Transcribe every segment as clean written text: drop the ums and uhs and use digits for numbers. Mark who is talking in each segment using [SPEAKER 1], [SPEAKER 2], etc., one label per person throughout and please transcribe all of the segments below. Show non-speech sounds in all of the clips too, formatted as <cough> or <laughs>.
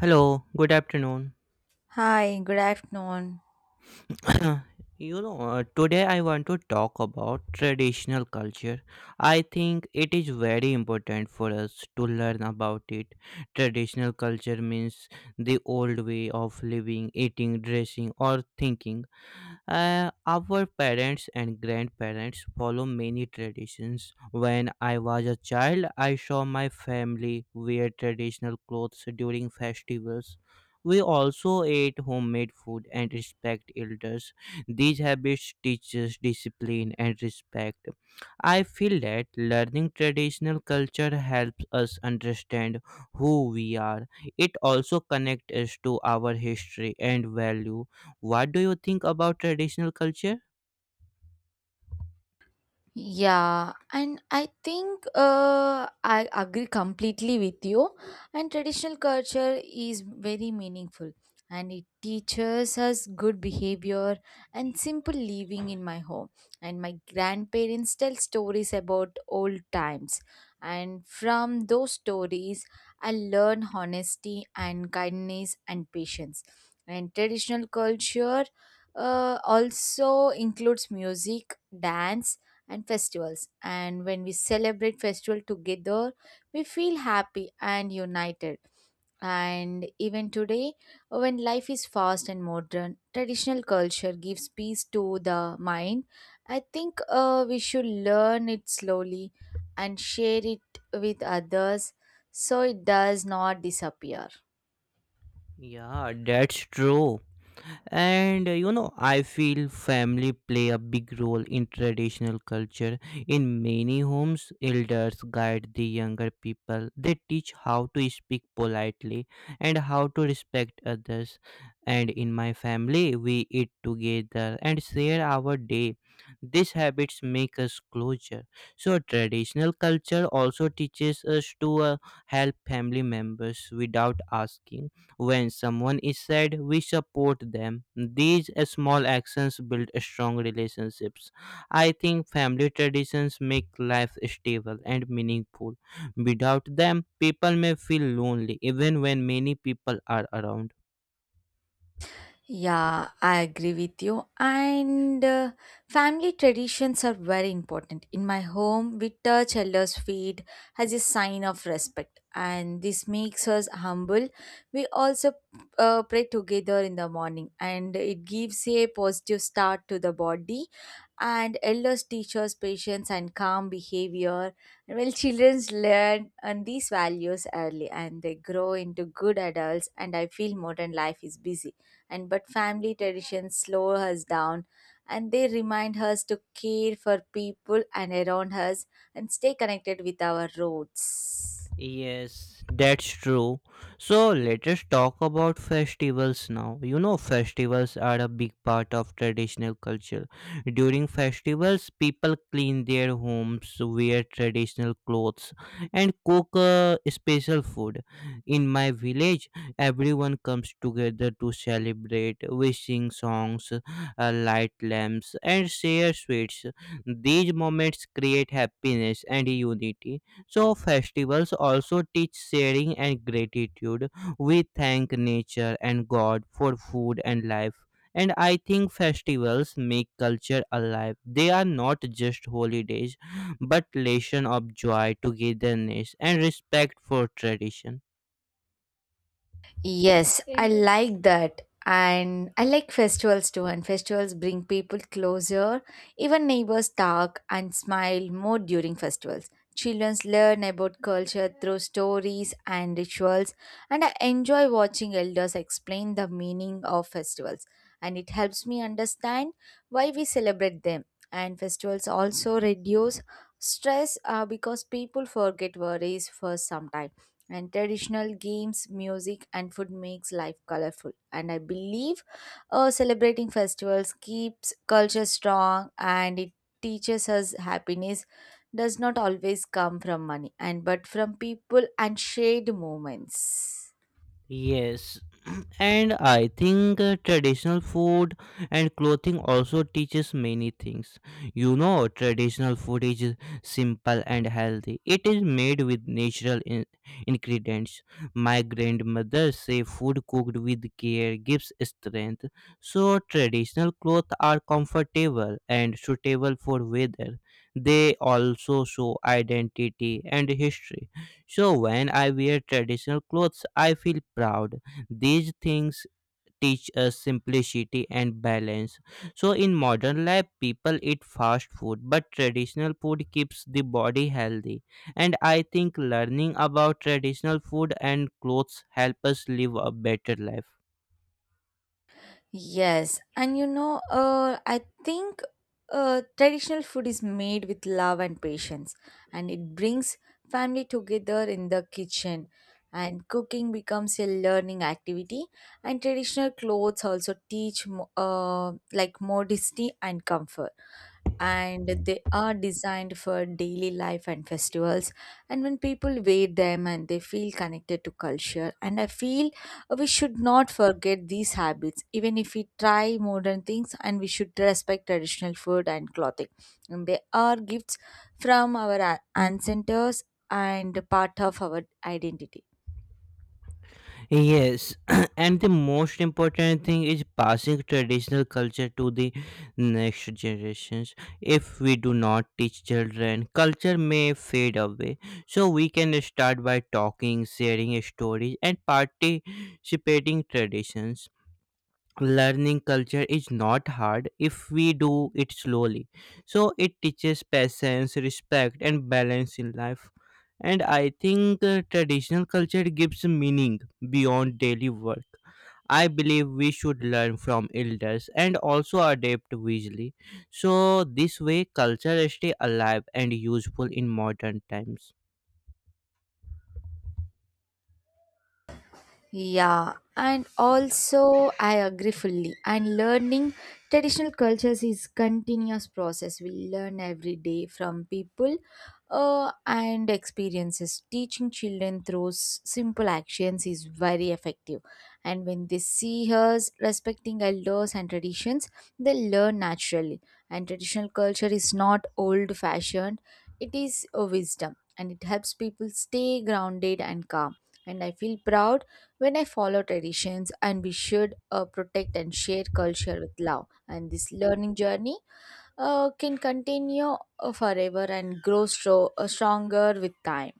[SPEAKER 1] Hello, good afternoon.
[SPEAKER 2] Hi, good afternoon.
[SPEAKER 1] <clears throat> Today I want to talk about traditional culture. I think it is very important for us to learn about it. Traditional culture means the old way of living, eating, dressing, or thinking. Our parents and grandparents follow many traditions. When I was a child, I saw my family wear traditional clothes during festivals. We also ate homemade food and respect elders. These habits teach us discipline and respect. I feel that learning traditional culture helps us understand who we are. It also connects us to our history and value. What do you think about traditional culture?
[SPEAKER 2] Yeah, and I agree completely with you. And traditional culture is very meaningful and it teaches us good behavior and simple living in my home. And my grandparents tell stories about old times, and from those stories, I learn honesty and kindness and patience. And traditional culture also includes music, dance and festivals. And when we celebrate festival together, we feel happy and united. And even today, when life is fast and modern, traditional culture gives peace to the mind. I think we should learn it slowly and share it with others so it does not disappear.
[SPEAKER 1] Yeah, that's true. I feel family play a big role in traditional culture. In many homes, elders guide the younger people. They teach how to speak politely and how to respect others. And in my family, we eat together and share our day. These habits make us closer. So, traditional culture also teaches us to help family members without asking. When someone is sad, we support them. These small actions build strong relationships. I think family traditions make life stable and meaningful. Without them, people may feel lonely even when many people are around.
[SPEAKER 2] Yeah, I agree with you. And Family traditions are very important. In my home, we touch elders' feet as a sign of respect, and this makes us humble. We also pray together in the morning, and it gives a positive start to the body and elders teach us patience and calm behavior well children learn on these values early and they grow into good adults and I feel modern life is busy and but family traditions slow us down and they remind us to care for people and around us and stay connected with our roots.
[SPEAKER 1] Yes, that's true. So let us talk about festivals now. You know, festivals are a big part of traditional culture. During festivals, people clean their homes, wear traditional clothes, and cook special food. In my village, everyone comes together to celebrate. We sing songs, light lamps, and share sweets. These moments create happiness and unity. So, festivals also teach sharing and gratitude. We thank nature and God for food and life. And I think festivals make culture alive. They are not just holidays, but lesson of joy, togetherness, and respect for tradition.
[SPEAKER 2] Yes, I like that. And I like festivals too, and festivals bring people closer. Even neighbors talk and smile more during festivals. Children learn about culture through stories and rituals, and I enjoy watching elders explain the meaning of festivals. And it helps me understand why we celebrate them. And festivals also reduce stress because people forget worries for some time and traditional games music and food makes life colorful and I believe celebrating festivals keeps culture strong and it teaches us happiness does not always come from money and but from people and shared moments.
[SPEAKER 1] Yes. <clears throat> And I think traditional food and clothing also teaches many things. You know, traditional food is simple and healthy. It is made with natural ingredients. My grandmother say food cooked with care gives strength. So traditional clothes are comfortable and suitable for weather. They also show identity and history. So when I wear traditional clothes, I feel proud. These things teach us simplicity and balance. So in modern life, people eat fast food, but traditional food keeps the body healthy. And I think learning about traditional food and clothes help us live a better life.
[SPEAKER 2] Yes, and you know, I think traditional food is made with love and patience, and it brings family together in the kitchen. And cooking becomes a learning activity, and traditional clothes also teach like modesty and comfort and they are designed for daily life and festivals and when people wear them and they feel connected to culture and I feel we should not forget these habits even if we try modern things and we should respect traditional food and clothing and they are gifts from our ancestors and part of our identity.
[SPEAKER 1] Yes. <clears throat> And the most important thing is passing traditional culture to the next generations. If we do not teach children, culture may fade away. So we can start by talking, sharing stories, and participating traditions. Learning culture is not hard if we do it slowly, so it teaches patience, respect, and balance in life. And I think traditional culture gives meaning beyond daily work. I believe we should learn from elders and also adapt wisely. So this way culture stay alive and useful in modern times.
[SPEAKER 2] Yeah, and also I agree fully. And learning traditional cultures is continuous process. We learn every day from people and experiences. Teaching children through simple actions is very effective. And when they see us respecting elders and traditions, they learn naturally. And traditional culture is not old fashioned, it is a wisdom and it helps people stay grounded and calm. And I feel proud when I follow traditions, and we should protect and share culture with love, and this learning journey can continue forever and grow stronger with time.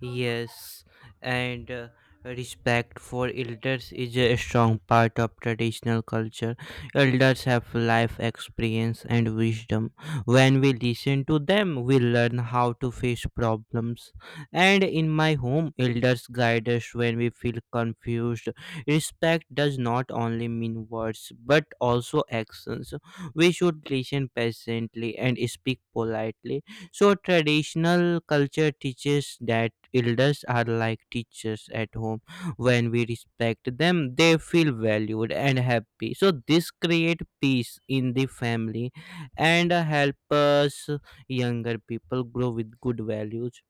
[SPEAKER 1] Yes, and respect for elders is a strong part of traditional culture. Elders have life experience and wisdom. When we listen to them, we learn how to face problems. And in my home, elders guide us when we feel confused. Respect does not only mean words but also actions. We should listen patiently and speak politely. So traditional culture teaches that elders are like teachers at home. When we respect them, they feel valued and happy. So this create peace in the family, and help us younger people grow with good values.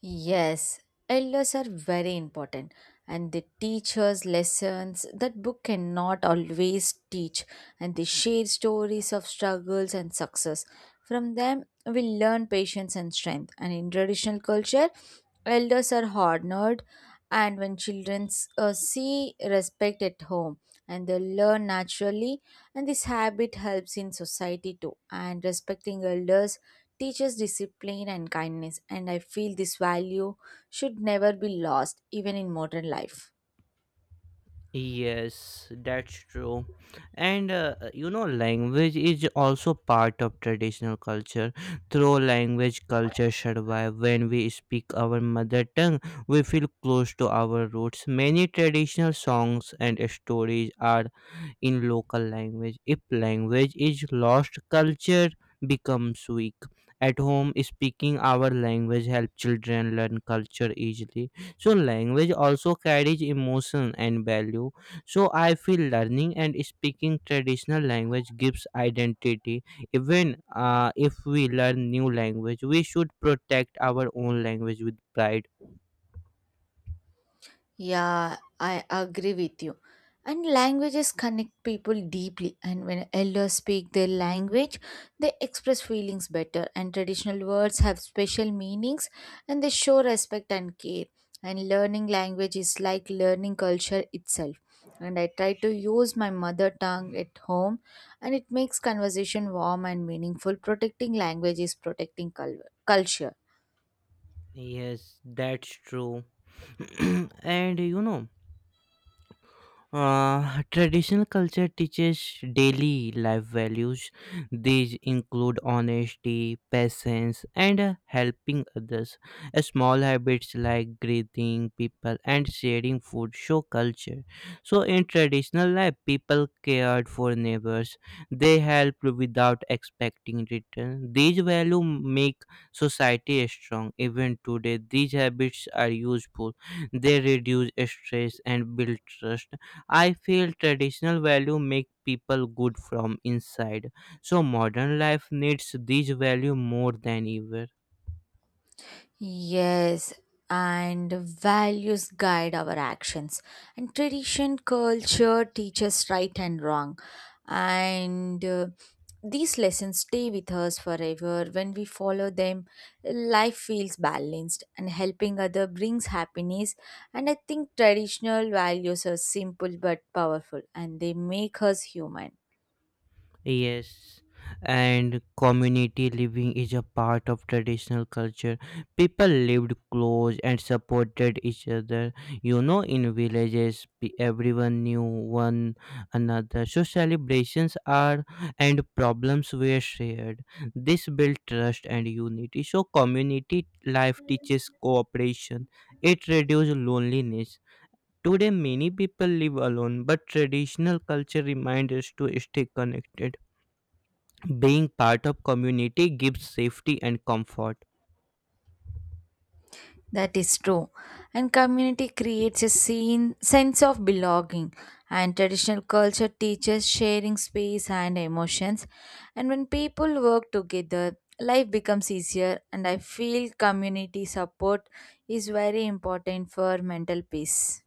[SPEAKER 2] Yes, elders are very important and they teach us lessons that book cannot always teach and they share stories of struggles and success. From them, we learn patience and strength. And in traditional culture, elders are honored and when children see respect at home and they learn naturally and this habit helps in society too and respecting elders teaches discipline and kindness, and I feel this value should never be lost, even in modern life.
[SPEAKER 1] Yes, that's true. And language is also part of traditional culture. Through language, culture survive. When we speak our mother tongue, we feel close to our roots. Many traditional songs and stories are in local language. If language is lost, culture becomes weak. At home, speaking our language helps children learn culture easily. So, language also carries emotion and value. So, I feel learning and speaking traditional language gives identity. Even if we learn new language, we should protect our own language with pride.
[SPEAKER 2] Yeah, I agree with you. And languages connect people deeply. And when elders speak their language, they express feelings better. And traditional words have special meanings and they show respect and care. And learning language is like learning culture itself. And I try to use my mother tongue at home, and it makes conversation warm and meaningful. Protecting language is protecting culture.
[SPEAKER 1] Yes, that's true. <clears throat> And traditional culture teaches daily life values. These include honesty, patience, and helping others. Small habits like greeting people and sharing food show culture. So, in traditional life, people cared for neighbors. They helped without expecting return. These values make society strong. Even today, these habits are useful. They reduce stress and build trust. I feel traditional value make people good from inside. So modern life needs these value more than ever.
[SPEAKER 2] Yes, and values guide our actions. And tradition, culture teaches right and wrong. And These lessons stay with us forever. When we follow them, life feels balanced and helping other brings happiness. And I think traditional values are simple but powerful and they make us human.
[SPEAKER 1] Yes, and community living is a part of traditional culture. People lived close and supported each other. You know, in villages, everyone knew one another. So, celebrations are and problems were shared. This built trust and unity. So, community life teaches cooperation, it reduces loneliness. Today, many people live alone, but traditional culture reminds us to stay connected. Being part of community gives safety and comfort.
[SPEAKER 2] That is true. And community creates a scene, sense of belonging. And traditional culture teaches sharing space and emotions. And when people work together, life becomes easier. And I feel community support is very important for mental peace.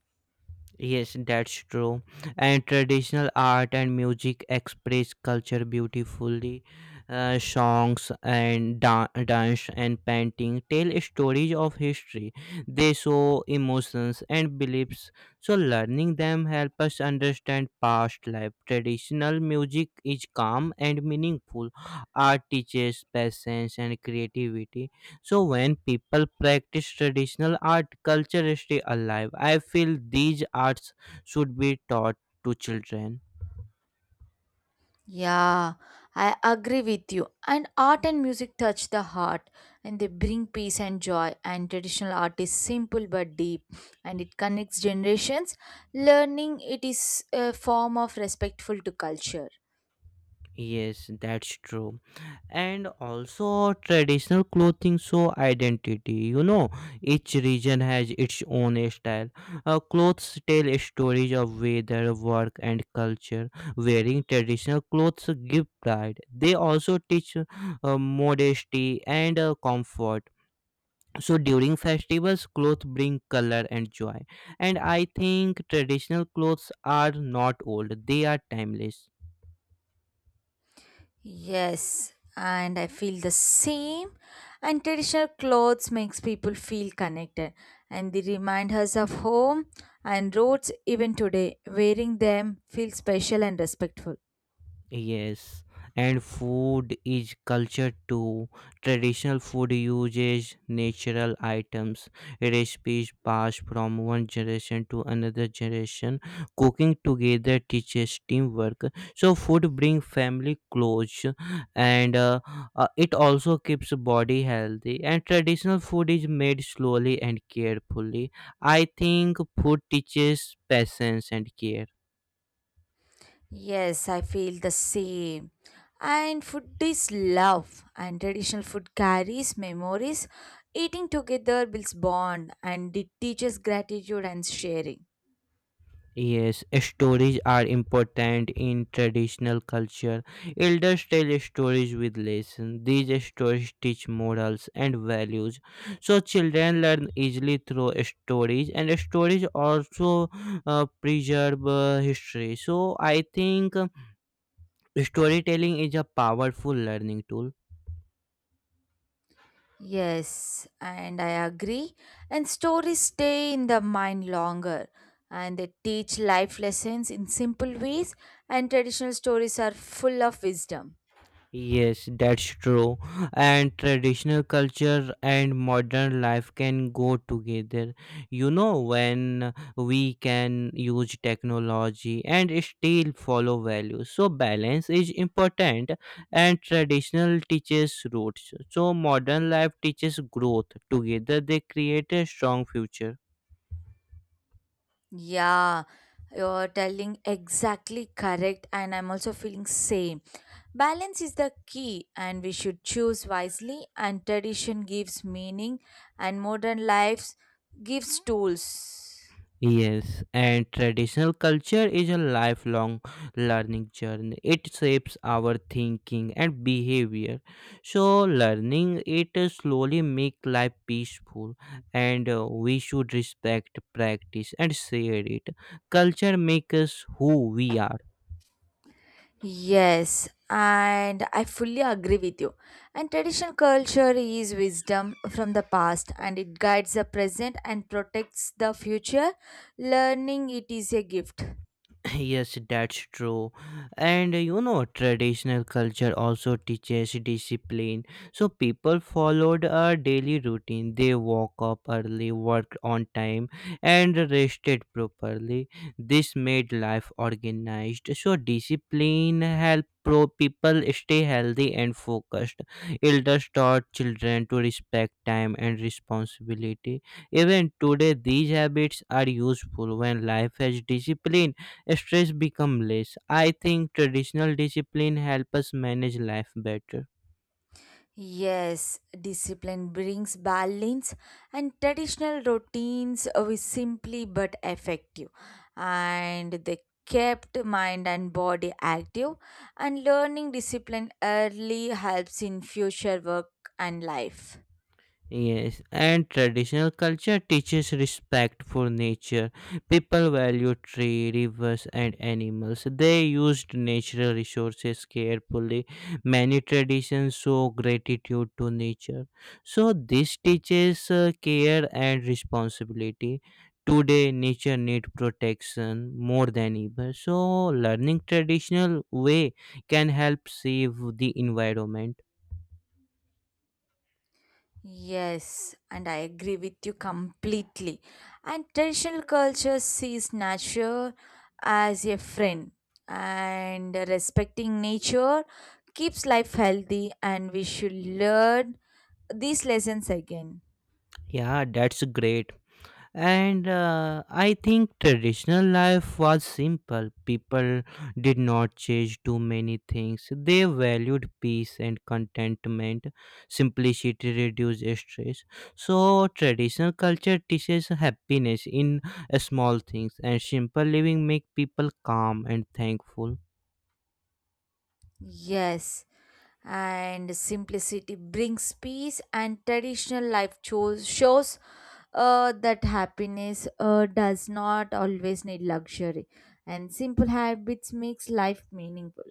[SPEAKER 1] Yes, that's true. And traditional art and music express culture beautifully. Songs and dance and painting tell stories of history. They show emotions and beliefs. So learning them help us understand past life. Traditional music is calm and meaningful. Art teaches patience and creativity. So when people practice traditional art, culture stay alive. I feel these arts should be taught to children.
[SPEAKER 2] Yeah, I agree with you. And art and music touch the heart and they bring peace and joy. And traditional art is simple but deep and it connects generations. Learning it is a form of respectful to culture.
[SPEAKER 1] Yes, that's true. And also traditional clothing show identity. You know, each region has its own style. Clothes tell stories of weather, work and culture. Wearing traditional clothes give pride. They also teach modesty and comfort. So during festivals clothes bring color and joy. And I think traditional clothes are not old, they are timeless.
[SPEAKER 2] Yes, and I feel the same. And traditional clothes makes people feel connected and they remind us of home and roads even today. Wearing them feels special and respectful.
[SPEAKER 1] Yes, and food is culture too. Traditional food uses natural items, recipes passed from one generation to another generation. Cooking together teaches teamwork. So food brings family close, and it also keeps body healthy. And traditional food is made slowly and carefully. I think food teaches patience and care.
[SPEAKER 2] Yes, I feel the same. And food is love, and traditional food carries memories. Eating together builds bond and it teaches gratitude and sharing.
[SPEAKER 1] Yes, stories are important in traditional culture. Elders tell stories with lessons. These stories teach morals and values. So children learn easily through stories, and stories also preserve history. So I think storytelling is a powerful learning tool.
[SPEAKER 2] Yes, and I agree. And stories stay in the mind longer and they teach life lessons in simple ways, and traditional stories are full of wisdom.
[SPEAKER 1] Yes, that's true. And traditional culture and modern life can go together. You know, when we can use technology and still follow values. So, balance is important, and traditional teaches roots. So, modern life teaches growth. Together, they create a strong future.
[SPEAKER 2] Yeah, you're telling exactly correct, and I'm also feeling same. Balance is the key, and we should choose wisely. And tradition gives meaning, and modern lives gives tools.
[SPEAKER 1] Yes, and traditional culture is a lifelong learning journey. It shapes our thinking and behavior. So, learning it slowly make life peaceful, and we should respect, practice, and share it. Culture makes us who we are.
[SPEAKER 2] Yes, and I fully agree with you. And traditional culture is wisdom from the past, and it guides the present and protects the future. Learning it is a gift.
[SPEAKER 1] <laughs> Yes, that's true. And traditional culture also teaches discipline. So people followed a daily routine. They woke up early, worked on time, and rested properly. This made life organized. So discipline helped pro people stay healthy and focused. Elders taught children to respect time and responsibility. Even today, these habits are useful. When life has discipline, stress become less. I think traditional discipline help us manage life better.
[SPEAKER 2] Yes, discipline brings balance, and traditional routines were simply but effective, and they kept mind and body active. And learning discipline early helps in future work and life.
[SPEAKER 1] Yes, and traditional culture teaches respect for nature. People value tree, rivers, and animals. They used natural resources carefully. Many traditions show gratitude to nature. So, this teaches care and responsibility. Today, nature needs protection more than ever. So, learning traditional way can help save the environment.
[SPEAKER 2] Yes, and I agree with you completely. And traditional culture sees nature as a friend, and respecting nature keeps life healthy, and we should learn these lessons again.
[SPEAKER 1] Yeah, that's great. And I think traditional life was simple. People did not chase too many things, they valued peace and contentment. Simplicity reduced stress. So traditional culture teaches happiness in small things, and simple living make people calm and thankful.
[SPEAKER 2] Yes, and simplicity brings peace, and traditional life shows that happiness does not always need luxury, and simple habits makes life meaningful.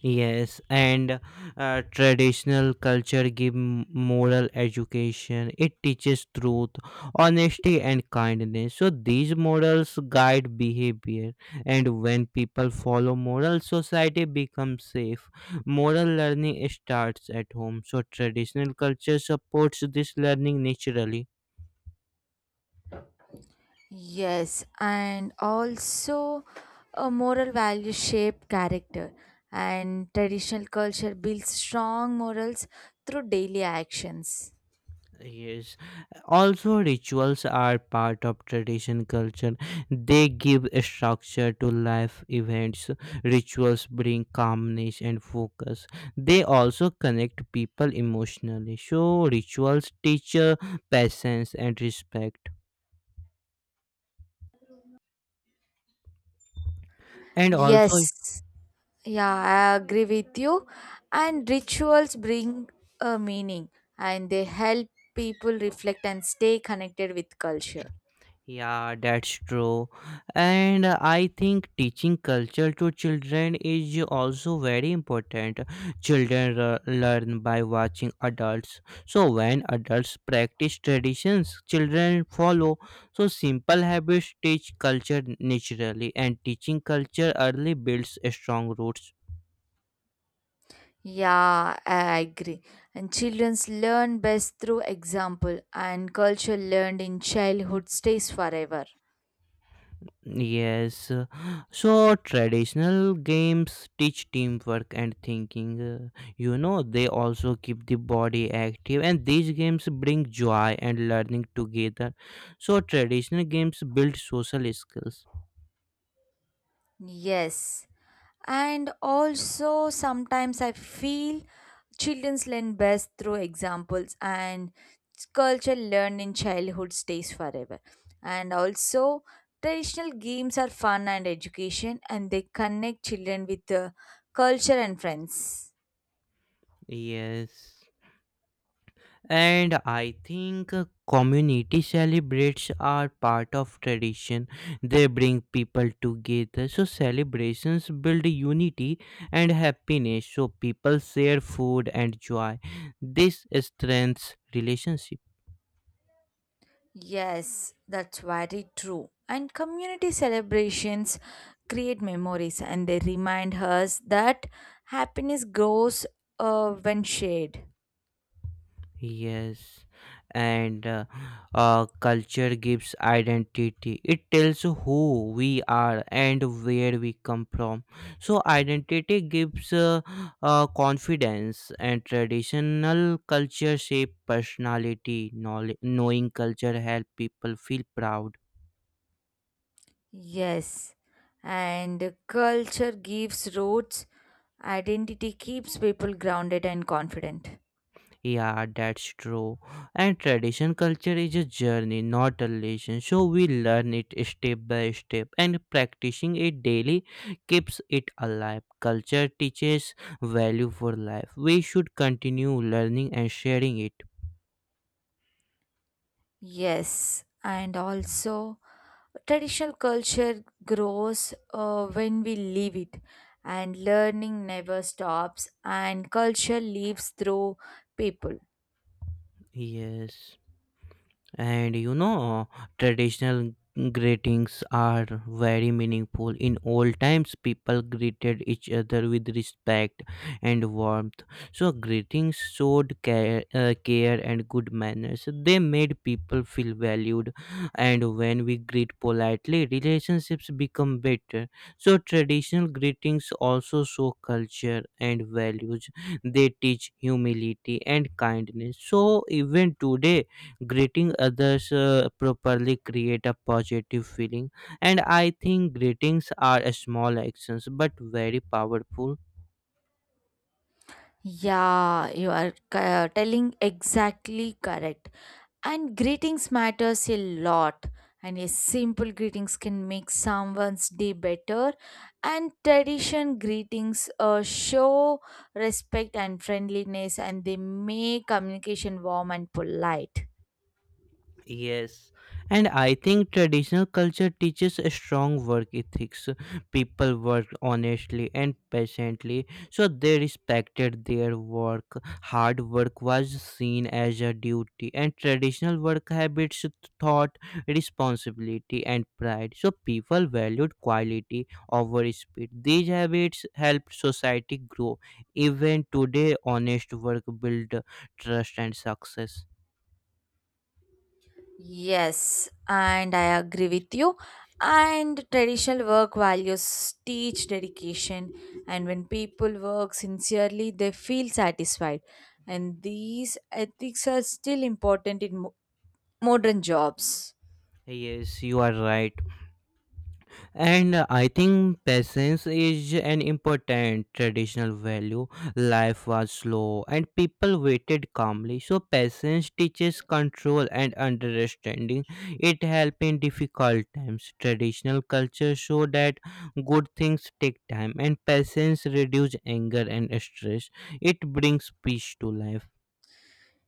[SPEAKER 1] Yes, and traditional culture give moral education. It teaches truth, honesty, and kindness. So these morals guide behavior, and when people follow moral, society becomes safe. Moral learning starts at home. So traditional culture supports this learning naturally.
[SPEAKER 2] Yes, and also a moral value shape character and traditional culture builds strong morals through daily actions.
[SPEAKER 1] Yes. Also, rituals are part of tradition culture. They give a structure to life events. Rituals bring calmness and focus. They also connect people emotionally. So, rituals teach patience and respect. And
[SPEAKER 2] Yes,
[SPEAKER 1] also,
[SPEAKER 2] yeah, I agree with you. And rituals bring a meaning and they help people reflect and stay connected with culture.
[SPEAKER 1] yeah, that's true. And I think teaching culture to children is also very important. Children learn by watching adults. So, when adults practice traditions, children follow. So, simple habits teach culture naturally, and teaching culture early builds strong roots.
[SPEAKER 2] Yeah, I agree. And childrens learn best through example and culture learned in childhood stays forever.
[SPEAKER 1] Yes. So traditional games teach teamwork and thinking. You know, they also keep the body active, and these games bring joy and learning together. So, traditional games build social skills.
[SPEAKER 2] Yes. And also, sometimes I feel children learn best through examples, and culture learned in childhood stays forever. And also, traditional games are fun and education, and they connect children with culture and friends.
[SPEAKER 1] Yes. And I think community celebrates are part of tradition. They bring people together. So celebrations build unity and happiness. So people share food and joy. This strengthens relationship.
[SPEAKER 2] Yes, that's very true. And community celebrations create memories, and they remind us that happiness grows when shared.
[SPEAKER 1] Yes, and culture gives identity. It tells who we are and where we come from. So, identity gives confidence, and traditional culture shape personality. Knowledge, knowing culture help people feel proud.
[SPEAKER 2] Yes, and culture gives roots, identity keeps people grounded and confident.
[SPEAKER 1] Yeah, that's true. And tradition culture is a journey, not a lesson. So we learn it step by step, and practicing it daily keeps it alive. Culture teaches value for life. We should continue learning and sharing it.
[SPEAKER 2] Yes, and also traditional culture grows when we leave it, and learning never stops, and culture lives through people.
[SPEAKER 1] Yes. And traditional greetings are very meaningful. In old times, people greeted each other with respect and warmth. So greetings showed care, care and good manners. They made people feel valued, and when we greet politely, relationships become better. So traditional greetings also show culture and values. They teach humility and kindness, so even today, greeting others properly create a positive feeling. And I think greetings are small actions but very powerful.
[SPEAKER 2] Yeah, you are telling exactly correct. And greetings matters a lot. And a simple greetings can make someone's day better. And tradition greetings show respect and friendliness, and they make communication warm and polite.
[SPEAKER 1] Yes, and I think traditional culture teaches a strong work ethics. People worked honestly and patiently, so they respected their work. Hard work was seen as a duty, and traditional work habits taught responsibility and pride. So people valued quality over speed. These habits helped society grow. Even today, honest work build trust and success.
[SPEAKER 2] Yes, and I agree with you. And traditional work values teach dedication, and when people work sincerely, they feel satisfied. And these ethics are still important in modern jobs.
[SPEAKER 1] Yes, you are right. And I think patience is an important traditional value. Life was slow and people waited calmly, so patience teaches control and understanding. It helps in difficult times. Traditional culture show that good things take time, and patience reduce anger and stress. It brings peace to life.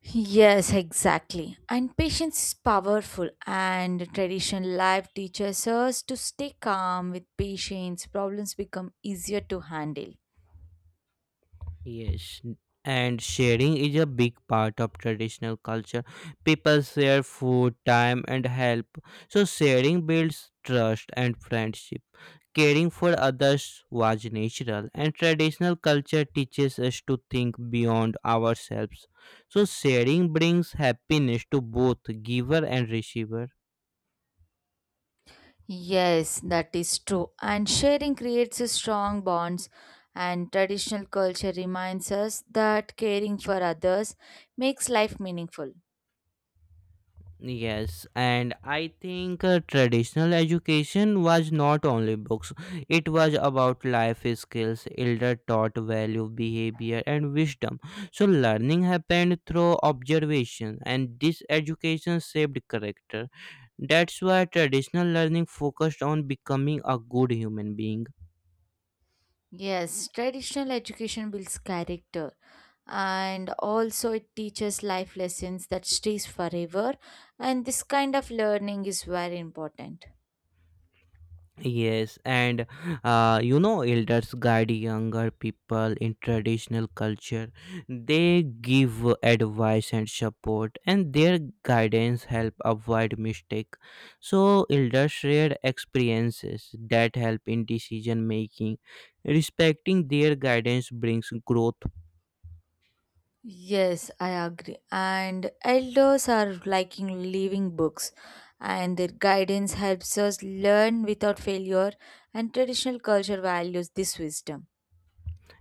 [SPEAKER 2] Yes, exactly. And patience is powerful, and traditional life teaches us to stay calm with patience, problems become easier to handle.
[SPEAKER 1] Yes, and sharing is a big part of traditional culture. People share food, time, and help. So, sharing builds trust and friendship. Caring for others was natural, and traditional culture teaches us to think beyond ourselves. So, sharing brings happiness to both giver and receiver.
[SPEAKER 2] Yes, that is true. And sharing creates a strong bonds. And traditional culture reminds us that caring for others makes life meaningful.
[SPEAKER 1] Yes, and I think traditional education was not only books, it was about life skills. Elder taught value, behavior, and wisdom. So, learning happened through observation, and this education shaped character. That's why traditional learning focused on becoming a good human being.
[SPEAKER 2] Yes, traditional education builds character and also it teaches life lessons that stays forever and this kind of learning is very important.
[SPEAKER 1] Yes, and elders guide younger people in traditional culture. They give advice and support, and their guidance help avoid mistake. So, elders share experiences that help in decision making. Respecting their guidance brings growth.
[SPEAKER 2] Yes, I agree. And elders are liking living books, and their guidance helps us learn without failure, and traditional culture values this wisdom.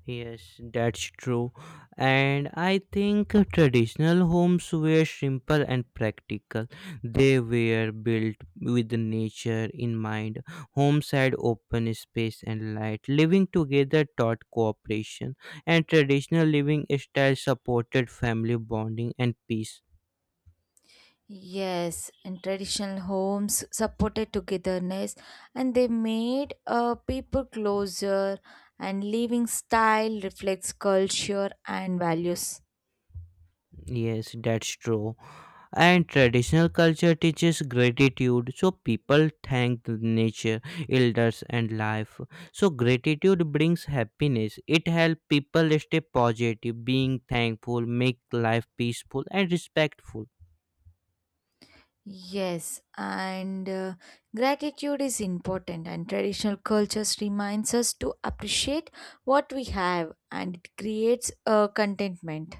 [SPEAKER 1] Yes, that's true. And I think traditional homes were simple and practical. They were built with nature in mind. Homes had open space and light. Living together taught cooperation, and traditional living style supported family bonding and peace.
[SPEAKER 2] Yes, in traditional homes supported togetherness and they made people closer and living style reflects culture and values.
[SPEAKER 1] Yes, that's true. And traditional culture teaches gratitude, so people thank the nature, elders, and life. So, gratitude brings happiness. It helps people stay positive, being thankful, make life peaceful and respectful.
[SPEAKER 2] Yes, and gratitude is important, and traditional cultures reminds us to appreciate what we have, and it creates a contentment.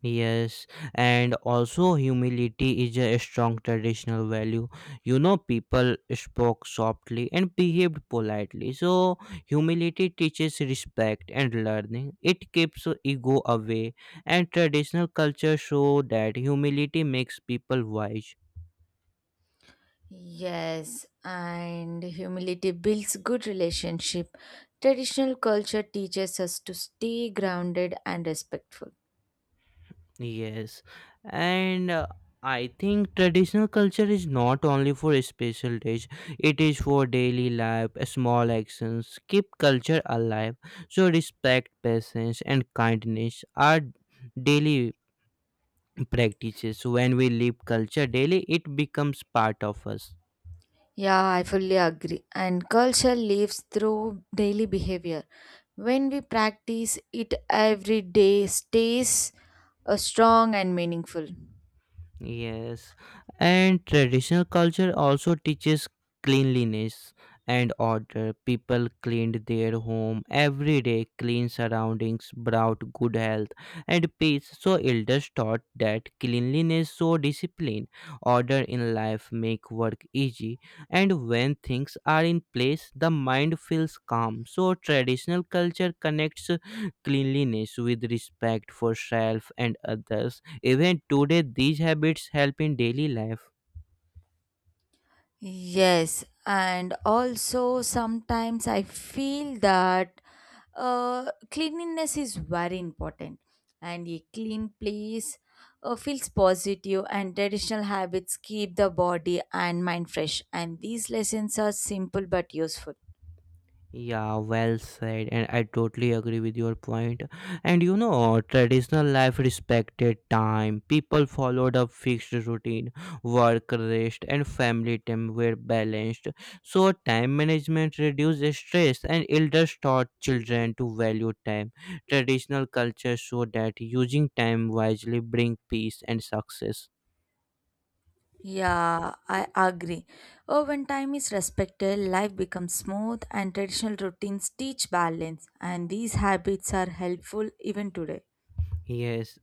[SPEAKER 1] Yes, and also humility is a strong traditional value. You know, people spoke softly and behaved politely. So, humility teaches respect and learning. It keeps ego away, and traditional culture show that humility makes people wise.
[SPEAKER 2] Yes, and humility builds good relationship. Traditional culture teaches us to stay grounded and respectful.
[SPEAKER 1] Yes, and I think traditional culture is not only for special days, it is for daily life. Small actions keep culture alive. So, respect, patience, and kindness are daily practices. When we live culture daily, it becomes part of us.
[SPEAKER 2] Yeah, I fully agree. And culture lives through daily behavior. When we practice it every day, stays strong and meaningful.
[SPEAKER 1] Yes, and traditional culture also teaches cleanliness and order. People cleaned their home every day, clean surroundings brought good health and peace. So, elders taught that cleanliness, so discipline, order in life make work easy, and when things are in place, the mind feels calm. So, traditional culture connects cleanliness with respect for self and others. Even today, these habits help in daily life.
[SPEAKER 2] Yes, and also sometimes I feel that cleanliness is very important, and a clean place feels positive, and traditional habits keep the body and mind fresh. And these lessons are simple but useful.
[SPEAKER 1] Yeah, well said, and I totally agree with your point. And you know, traditional life respected time. People followed a fixed routine, work, rest, and family time were balanced. So, time management reduced stress, and elders taught children to value time. Traditional culture showed that using time wisely bring peace and success.
[SPEAKER 2] Yeah, I agree. Oh, when time is respected, life becomes smooth and traditional routines teach balance, and these habits are helpful even today.
[SPEAKER 1] Yes,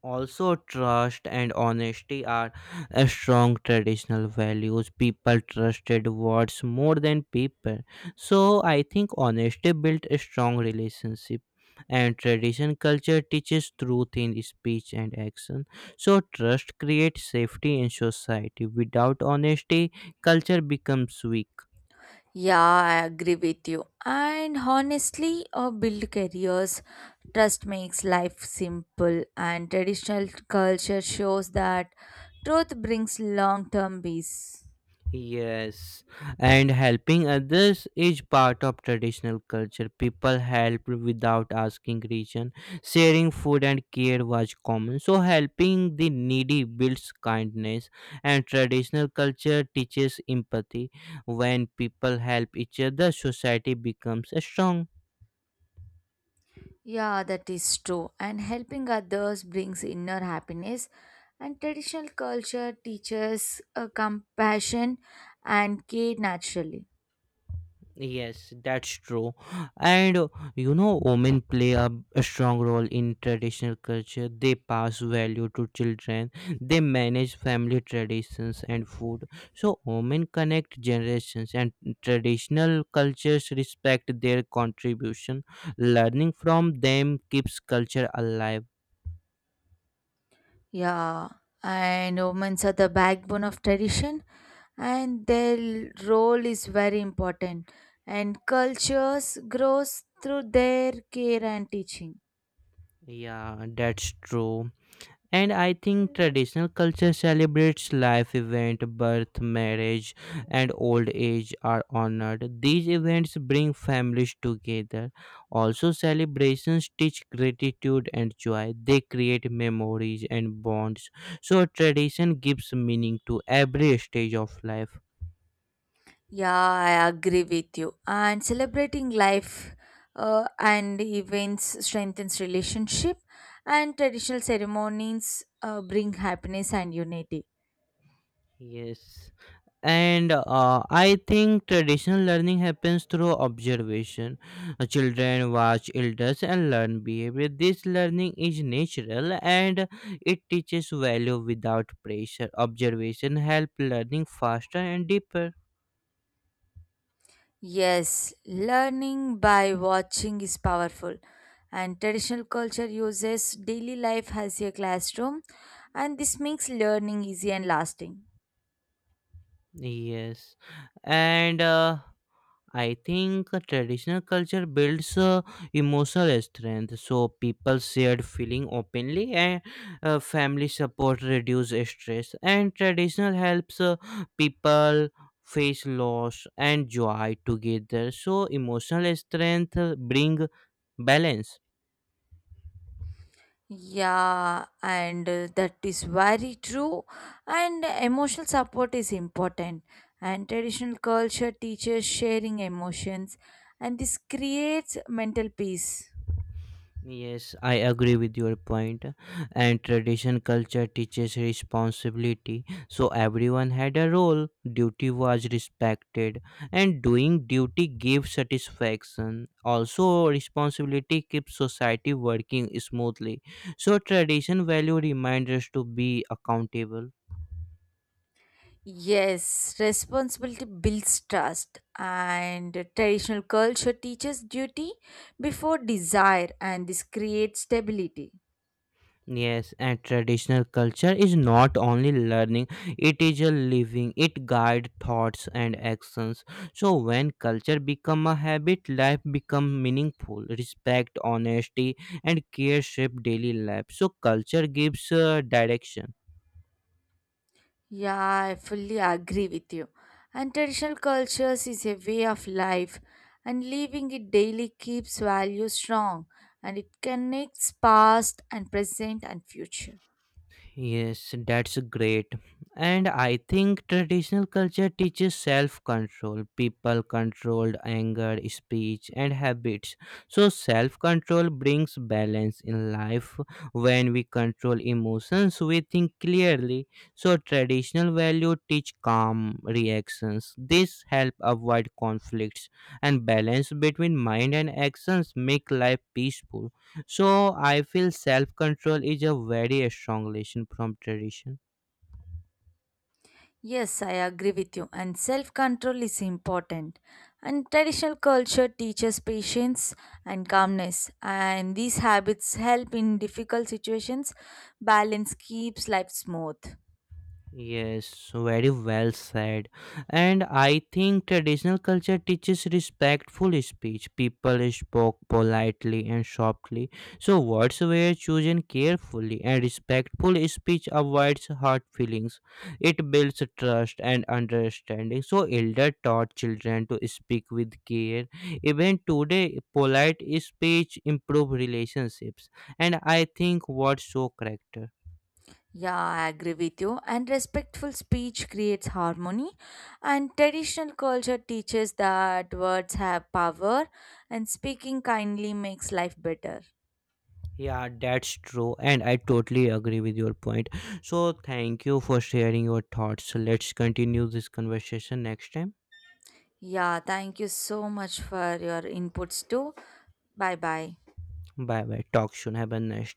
[SPEAKER 1] also, trust and honesty are strong traditional values. People trusted words more than people. So, I think honesty built a strong relationship. And tradition culture teaches truth in speech and action. So, trust creates safety in society. Without honesty, culture becomes weak.
[SPEAKER 2] Yeah, I agree with you. And honestly, build careers. Trust makes life simple, and traditional culture shows that truth brings long term peace.
[SPEAKER 1] Yes, and helping others is part of traditional culture. People helped without asking reason. Sharing food and care was common. So, helping the needy builds kindness, and traditional culture teaches empathy. When people help each other, society becomes strong.
[SPEAKER 2] Yeah, that is true. And helping others brings inner happiness. And traditional culture teaches compassion and care naturally.
[SPEAKER 1] Yes, that's true. And women play a strong role in traditional culture. They pass value to children. They manage family traditions and food. So, women connect generations, and traditional cultures respect their contribution. Learning from them keeps culture alive.
[SPEAKER 2] Yeah, and women are the backbone of tradition, and their role is very important. And cultures grows through their care and teaching.
[SPEAKER 1] Yeah, that's true. And I think traditional culture celebrates life event, birth, marriage, and old age are honored. These events bring families together. Also, celebrations teach gratitude and joy. They create memories and bonds. So, tradition gives meaning to every stage of life.
[SPEAKER 2] Yeah, I agree with you. And celebrating life and events strengthens relationship, and traditional ceremonies bring happiness and unity.
[SPEAKER 1] Yes. And I think traditional learning happens through observation. Children watch elders and learn behavior. This learning is natural and it teaches value without pressure. Observation help learning faster and deeper.
[SPEAKER 2] Yes, learning by watching is powerful, and traditional culture uses daily life as a classroom, and this makes learning easy and lasting.
[SPEAKER 1] Yes, and I think a traditional culture builds emotional strength, so people shared feeling openly, and family support reduce stress. And traditional helps people face loss and joy together. So emotional strength bring balance.
[SPEAKER 2] Yeah, and that is very true. And emotional support is important. And traditional culture teaches sharing emotions, and this creates mental peace.
[SPEAKER 1] Yes, I agree with your point. And tradition culture teaches responsibility. So everyone had a role, duty was respected, and doing duty gives satisfaction. Also, responsibility keeps society working smoothly. So, tradition value reminds us to be accountable.
[SPEAKER 2] Yes, responsibility builds trust, and traditional culture teaches duty before desire, and this creates stability.
[SPEAKER 1] Yes, and traditional culture is not only learning, it is a living, it guide thoughts and actions. So when culture become a habit, life become meaningful. Respect, honesty and care shape daily life. So culture gives direction.
[SPEAKER 2] Yeah, I fully agree with you. And traditional cultures is a way of life, and living it daily keeps values strong and it connects past and present and future.
[SPEAKER 1] Yes, that's great. And I think traditional culture teaches self control. People controlled anger, speech, and habits. So, self control brings balance in life. When we control emotions, we think clearly. So, traditional value teach calm reactions. This help avoid conflicts and balance between mind and actions make life peaceful. So I feel self control is a very strong lesson from tradition.
[SPEAKER 2] Yes, I agree with you. And self control is important. And traditional culture teaches patience and calmness. And these habits help in difficult situations. Balance keeps life smooth.
[SPEAKER 1] Yes, very well said. And I think traditional culture teaches respectful speech. People spoke politely and softly, so words were chosen carefully, and respectful speech avoids hurt feelings. It builds trust and understanding. So, elder taught children to speak with care. Even today, polite speech improve relationships, and I think words show character.
[SPEAKER 2] Yeah, I agree with you. And respectful speech creates harmony. And traditional culture teaches that words have power and speaking kindly makes life better.
[SPEAKER 1] Yeah, that's true, and I totally agree with your point. So, thank you for sharing your thoughts. So, let's continue this conversation next time.
[SPEAKER 2] Yeah, thank you so much for your inputs too. Bye bye.
[SPEAKER 1] Bye bye. Talk soon. Have a nice